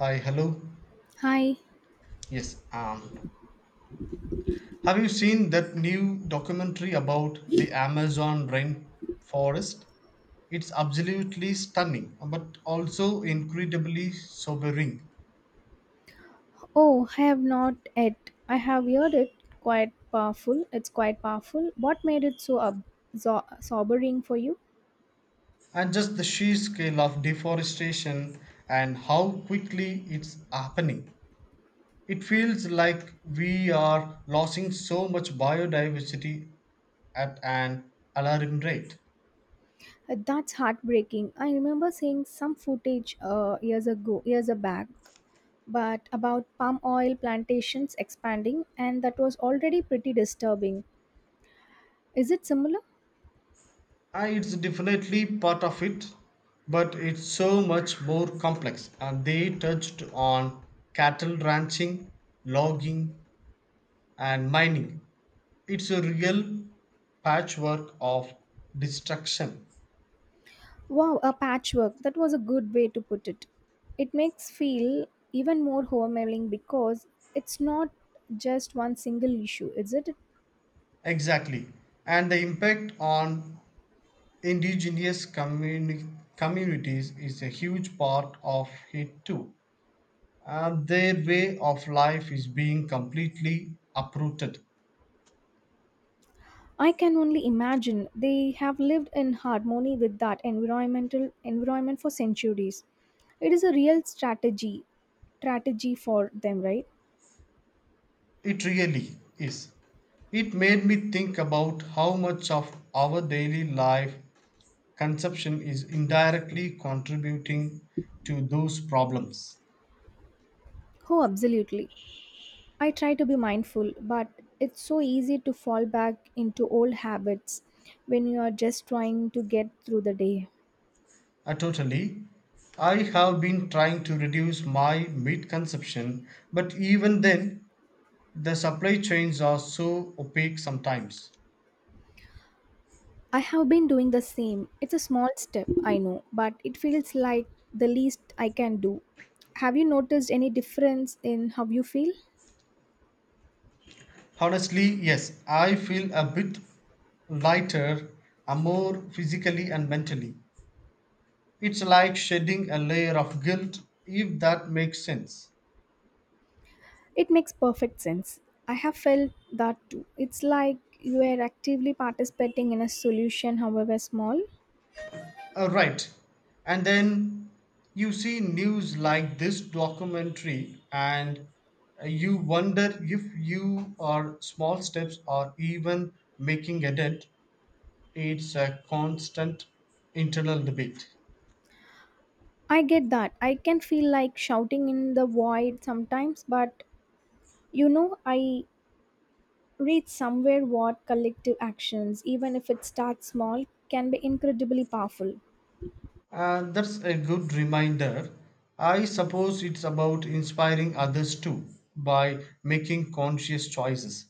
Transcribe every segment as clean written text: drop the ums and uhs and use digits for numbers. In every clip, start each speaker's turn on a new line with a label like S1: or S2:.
S1: Hi, hello.
S2: Hi.
S1: Yes. Have you seen that new documentary about the Amazon rainforest? It's absolutely stunning, but also incredibly sobering.
S2: Oh, I have not yet. I have heard it quite powerful. What made it so sobering for you?
S1: And just the sheer scale of deforestation and how quickly it's happening. It feels like we are losing so much biodiversity at an alarming rate.
S2: That's heartbreaking. I remember seeing some footage years ago, years back, but about palm oil plantations expanding, and that was already pretty disturbing. Is it similar?
S1: It's definitely part of it, but it's so much more complex. And they touched on cattle ranching, logging, and mining. It's a real patchwork of destruction.
S2: Wow, a patchwork. That was a good way to put it. It makes feel even more overwhelming because it's not just one single issue, is it?
S1: Exactly. And the impact on indigenous communi- communities is a huge part of it too. Their way of life is being completely uprooted.
S2: I can only imagine they have lived in harmony with that environment for centuries. It is a real strategy for them, right?
S1: It really is. It made me think about how much of our daily life consumption is indirectly contributing to those problems.
S2: Oh, absolutely. I try to be mindful, but it's so easy to fall back into old habits when you are just trying to get through the day.
S1: Totally. I have been trying to reduce my meat consumption, but even then, the supply chains are so opaque sometimes.
S2: I have been doing the same. It's a small step, I know, but it feels like the least I can do. Have you noticed any difference in how you feel?
S1: Honestly, yes, I feel a bit lighter, more physically and mentally. It's like shedding a layer of guilt, if that makes sense.
S2: It makes perfect sense. I have felt that too. It's like you are actively participating in a solution, however small.
S1: Right. And then you see news like this documentary, and you wonder if you are small steps or even making a dent. It's a constant internal debate.
S2: I get that. I can feel like shouting in the void sometimes, but I read somewhere what collective actions, even if it starts small, can be incredibly powerful.
S1: And that's a good reminder. I suppose it's about inspiring others too by making conscious choices.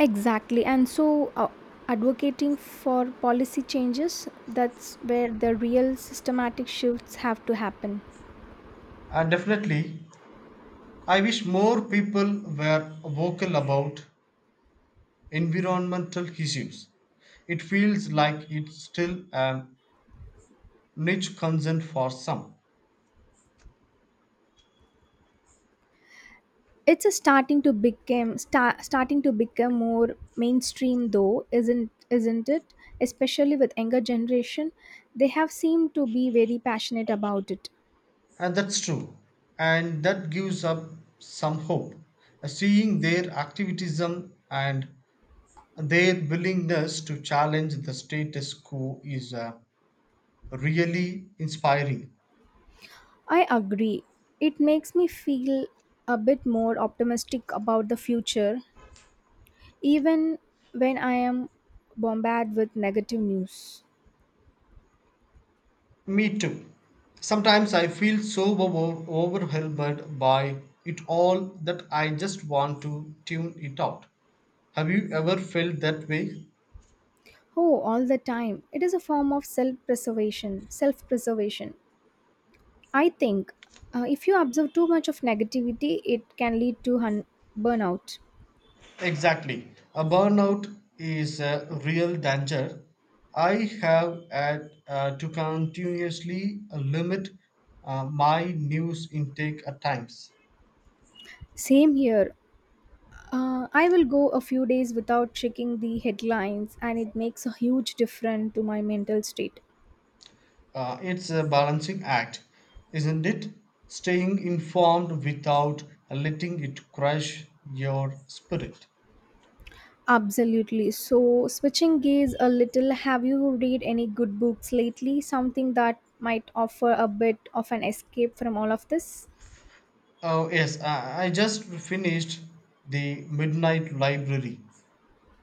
S2: Exactly. And so advocating for policy changes, that's where the real systematic shifts have to happen.
S1: And definitely, I wish more people were vocal about environmental issues. It feels like it's still a niche concern for some.
S2: It's a starting to become more mainstream though, isn't it? Especially with younger generation, they have seemed to be very passionate about it.
S1: And that's true. And that gives up some hope. Seeing their activism and their willingness to challenge the status quo is really inspiring.
S2: I agree. It makes me feel a bit more optimistic about the future even when I am bombarded with negative news.
S1: Me too. Sometimes I feel so overwhelmed by it all that I just want to tune it out. Have you ever felt that way?
S2: Oh, all the time. It is a form of self preservation. I think if you observe too much of negativity, it can lead to burnout.
S1: Exactly. A burnout is a real danger. I have had to continuously limit my news intake at times.
S2: Same here. I will go a few days without checking the headlines, and it makes a huge difference to my mental state.
S1: It's a balancing act, isn't it? Staying informed without letting it crush your spirit.
S2: Absolutely. So, switching gears a little, have you read any good books lately? Something that might offer a bit of an escape from all of this?
S1: Oh, yes, I just finished The Midnight Library.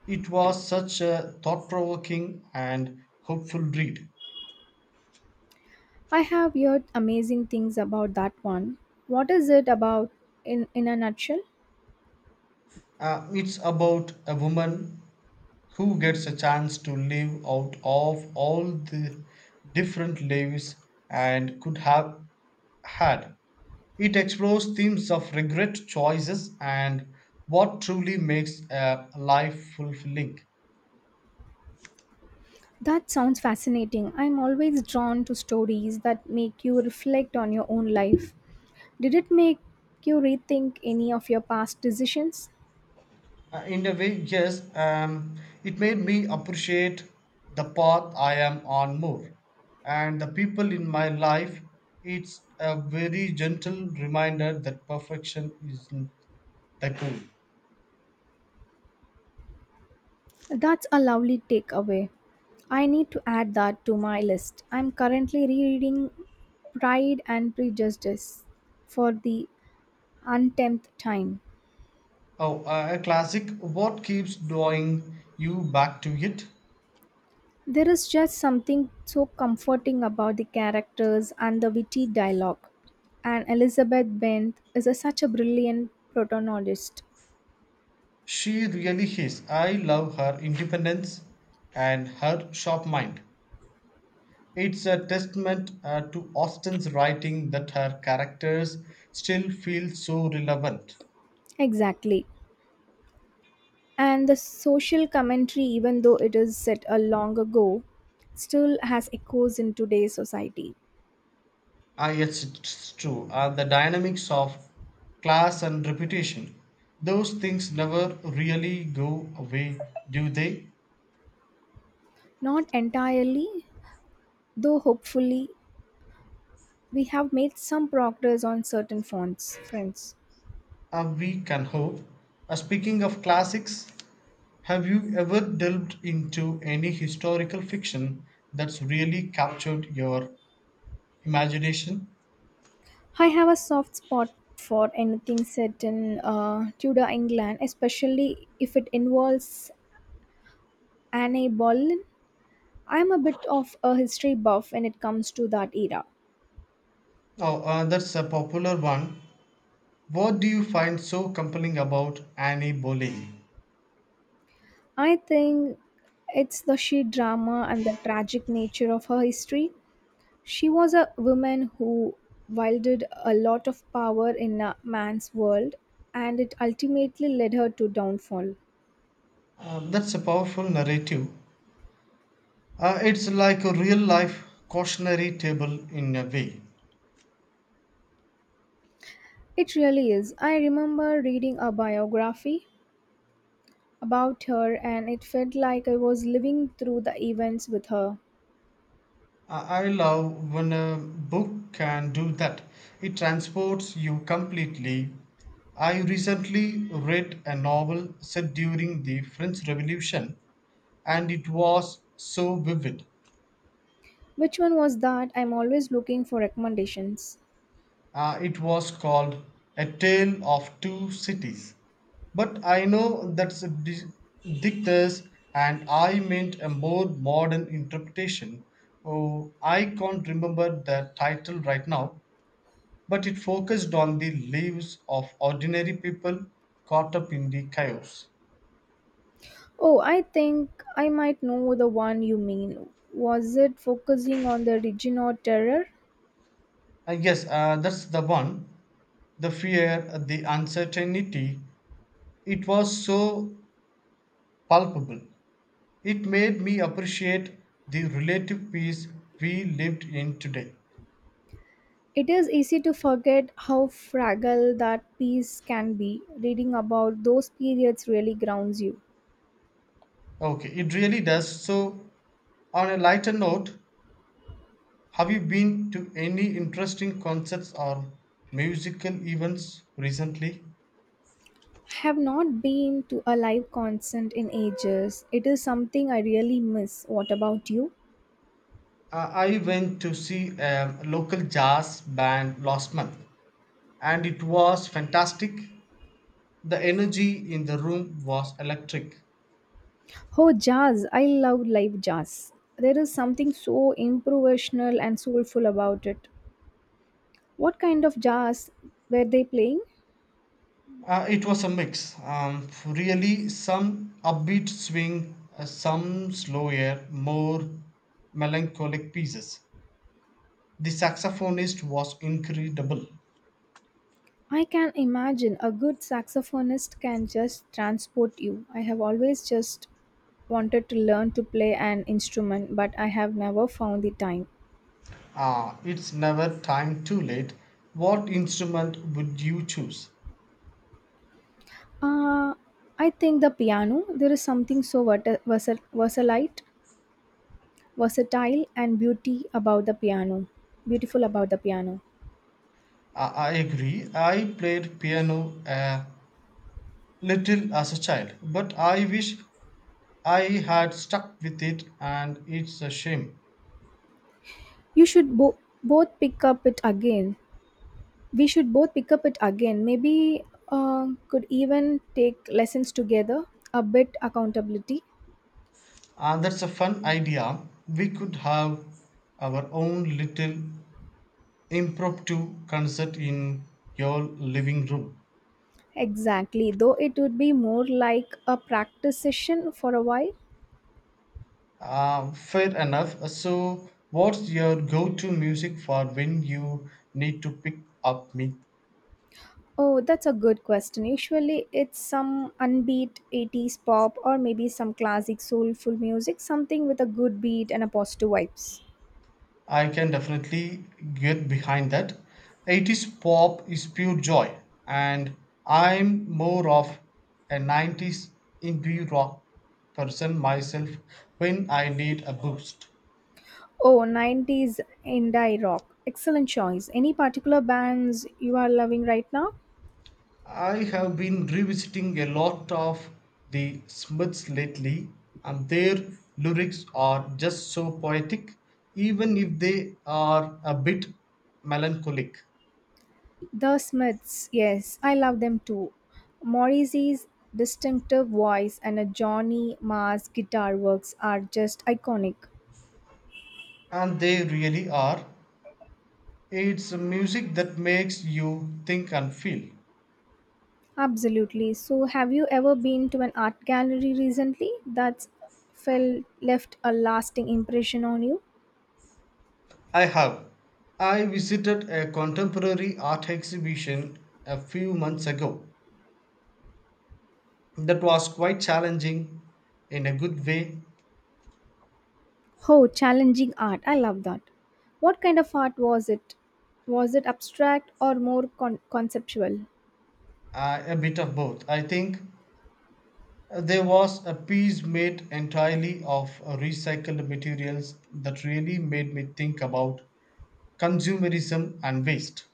S1: It was such a thought provoking and hopeful read.
S2: I have heard amazing things about that one. What is it about in a nutshell?
S1: It's about a woman who gets a chance to live out of all the different lives and could have had. It explores themes of regret, choices, and what truly makes a life fulfilling.
S2: That sounds fascinating. I'm always drawn to stories that make you reflect on your own life. Did it make you rethink any of your past decisions?
S1: In a way, yes, it made me appreciate the path I am on more and the people in my life. It's a very gentle reminder that perfection isn't the goal.
S2: That's a lovely takeaway. I need to add that to my list. I'm currently rereading Pride and Prejudice for the untenth time.
S1: Oh, a classic. What keeps drawing you back to it?
S2: There is just something so comforting about the characters and the witty dialogue. And Elizabeth Bent is such a brilliant protagonist.
S1: She really is. I love her independence and her sharp mind. It's a testament to Austen's writing that her characters still feel so relevant.
S2: Exactly. And the social commentary, even though it is set a long ago, still has echoes in today's society.
S1: Ah, yes, it's true. The dynamics of class and reputation, those things never really go away, do they?
S2: Not entirely, though hopefully, we have made some progress on certain fronts, friends.
S1: We can hope. Speaking of classics, have you ever delved into any historical fiction that's really captured your imagination?
S2: I have a soft spot for anything set in Tudor England, especially if it involves Anne Boleyn. I'm a bit of a history buff when it comes to that era.
S1: Oh, that's a popular one. What do you find so compelling about Annie Boleyn?
S2: I think it's the sheer drama and the tragic nature of her history. She was a woman who wielded a lot of power in a man's world, and it ultimately led her to downfall.
S1: That's a powerful narrative. It's like a real life cautionary table in a way.
S2: It really is. I remember reading a biography about her, and it felt like I was living through the events with her.
S1: I love when a book can do that. It transports you completely. I recently read a novel set during the French Revolution and it was so vivid.
S2: Which one was that? I'm always looking for recommendations.
S1: It was called A Tale of Two Cities. But I know that's a dictors and I meant a more modern interpretation. Oh, I can't remember the title right now, but it focused on the lives of ordinary people caught up in the chaos.
S2: Oh, I think I might know the one you mean. Was it focusing on the region or terror?
S1: Yes, that's the one. The fear, the uncertainty, it was so palpable. It made me appreciate the relative peace we lived in today.
S2: It is easy to forget how fragile that piece can be. Reading about those periods really grounds you.
S1: Okay, it really does. So, on a lighter note, have you been to any interesting concerts or musical events recently?
S2: Have not been to a live concert in ages. It is something I really miss. What about you?
S1: I went to see a local jazz band last month and it was fantastic. The energy in the room was electric.
S2: Oh, jazz. I love live jazz. There is something so improvisational and soulful about it. What kind of jazz were they playing?
S1: It was a mix, really some upbeat swing, some slower, more melancholic pieces. The saxophonist was incredible.
S2: I can imagine a good saxophonist can just transport you. I have always just wanted to learn to play an instrument, but I have never found the time.
S1: It's never time too late. What instrument would you choose?
S2: Uh, I think the piano, there is something so versatile, versatile and beauty about the piano. Beautiful about the piano.
S1: I agree. I played piano a little as a child, but I wish I had stuck with it, and it's a shame.
S2: You should bo- both pick up it again. We should both pick up it again. Maybe could even take lessons together. A bit accountability.
S1: And that's a fun idea. We could have our own little impromptu concert in your living room.
S2: Exactly, though it would be more like a practice session for a while.
S1: Fair enough. So, what's your go to music for when you need to pick up me
S2: Oh, that's a good question. Usually it's some unbeat 80s pop or maybe some classic soulful music, something with a good beat and a positive vibes.
S1: I can definitely get behind that. '80s pop is pure joy, and I'm more of a '90s indie rock person myself when I need a boost.
S2: Oh, 90s indie rock. Excellent choice. Any particular bands you are loving right now?
S1: I have been revisiting a lot of the Smiths lately, and their lyrics are just so poetic, even if they are a bit melancholic.
S2: The Smiths, yes, I love them too. Morrissey's distinctive voice and a Johnny Marr's guitar works are just iconic.
S1: And they really are. It's music that makes you think and feel.
S2: Absolutely. So, have you ever been to an art gallery recently that's felt left a lasting impression on you?
S1: I have. I visited a contemporary art exhibition a few months ago that was quite challenging in a good way,
S2: Oh, challenging art. I love that. What kind of art was it? Was it abstract or more conceptual?
S1: a bit of both. I think there was a piece made entirely of recycled materials that really made me think about consumerism and waste.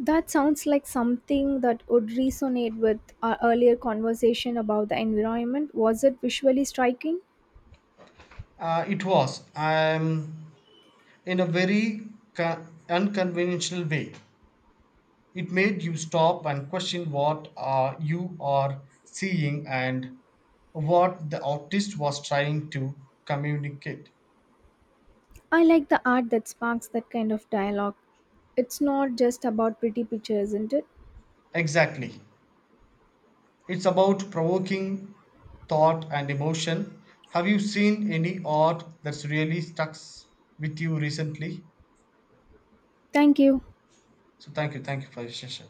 S2: That sounds like something that would resonate with our earlier conversation about the environment. Was it visually striking?
S1: It was in a very unconventional way. It made you stop and question what are you are seeing and what the artist was trying to communicate.
S2: I like the art that sparks that kind of dialogue. It's not just about pretty pictures, isn't it?
S1: Exactly. It's about provoking thought and emotion. Have you seen any art that's really stuck with you recently?
S2: Thank you.
S1: So thank you for your session.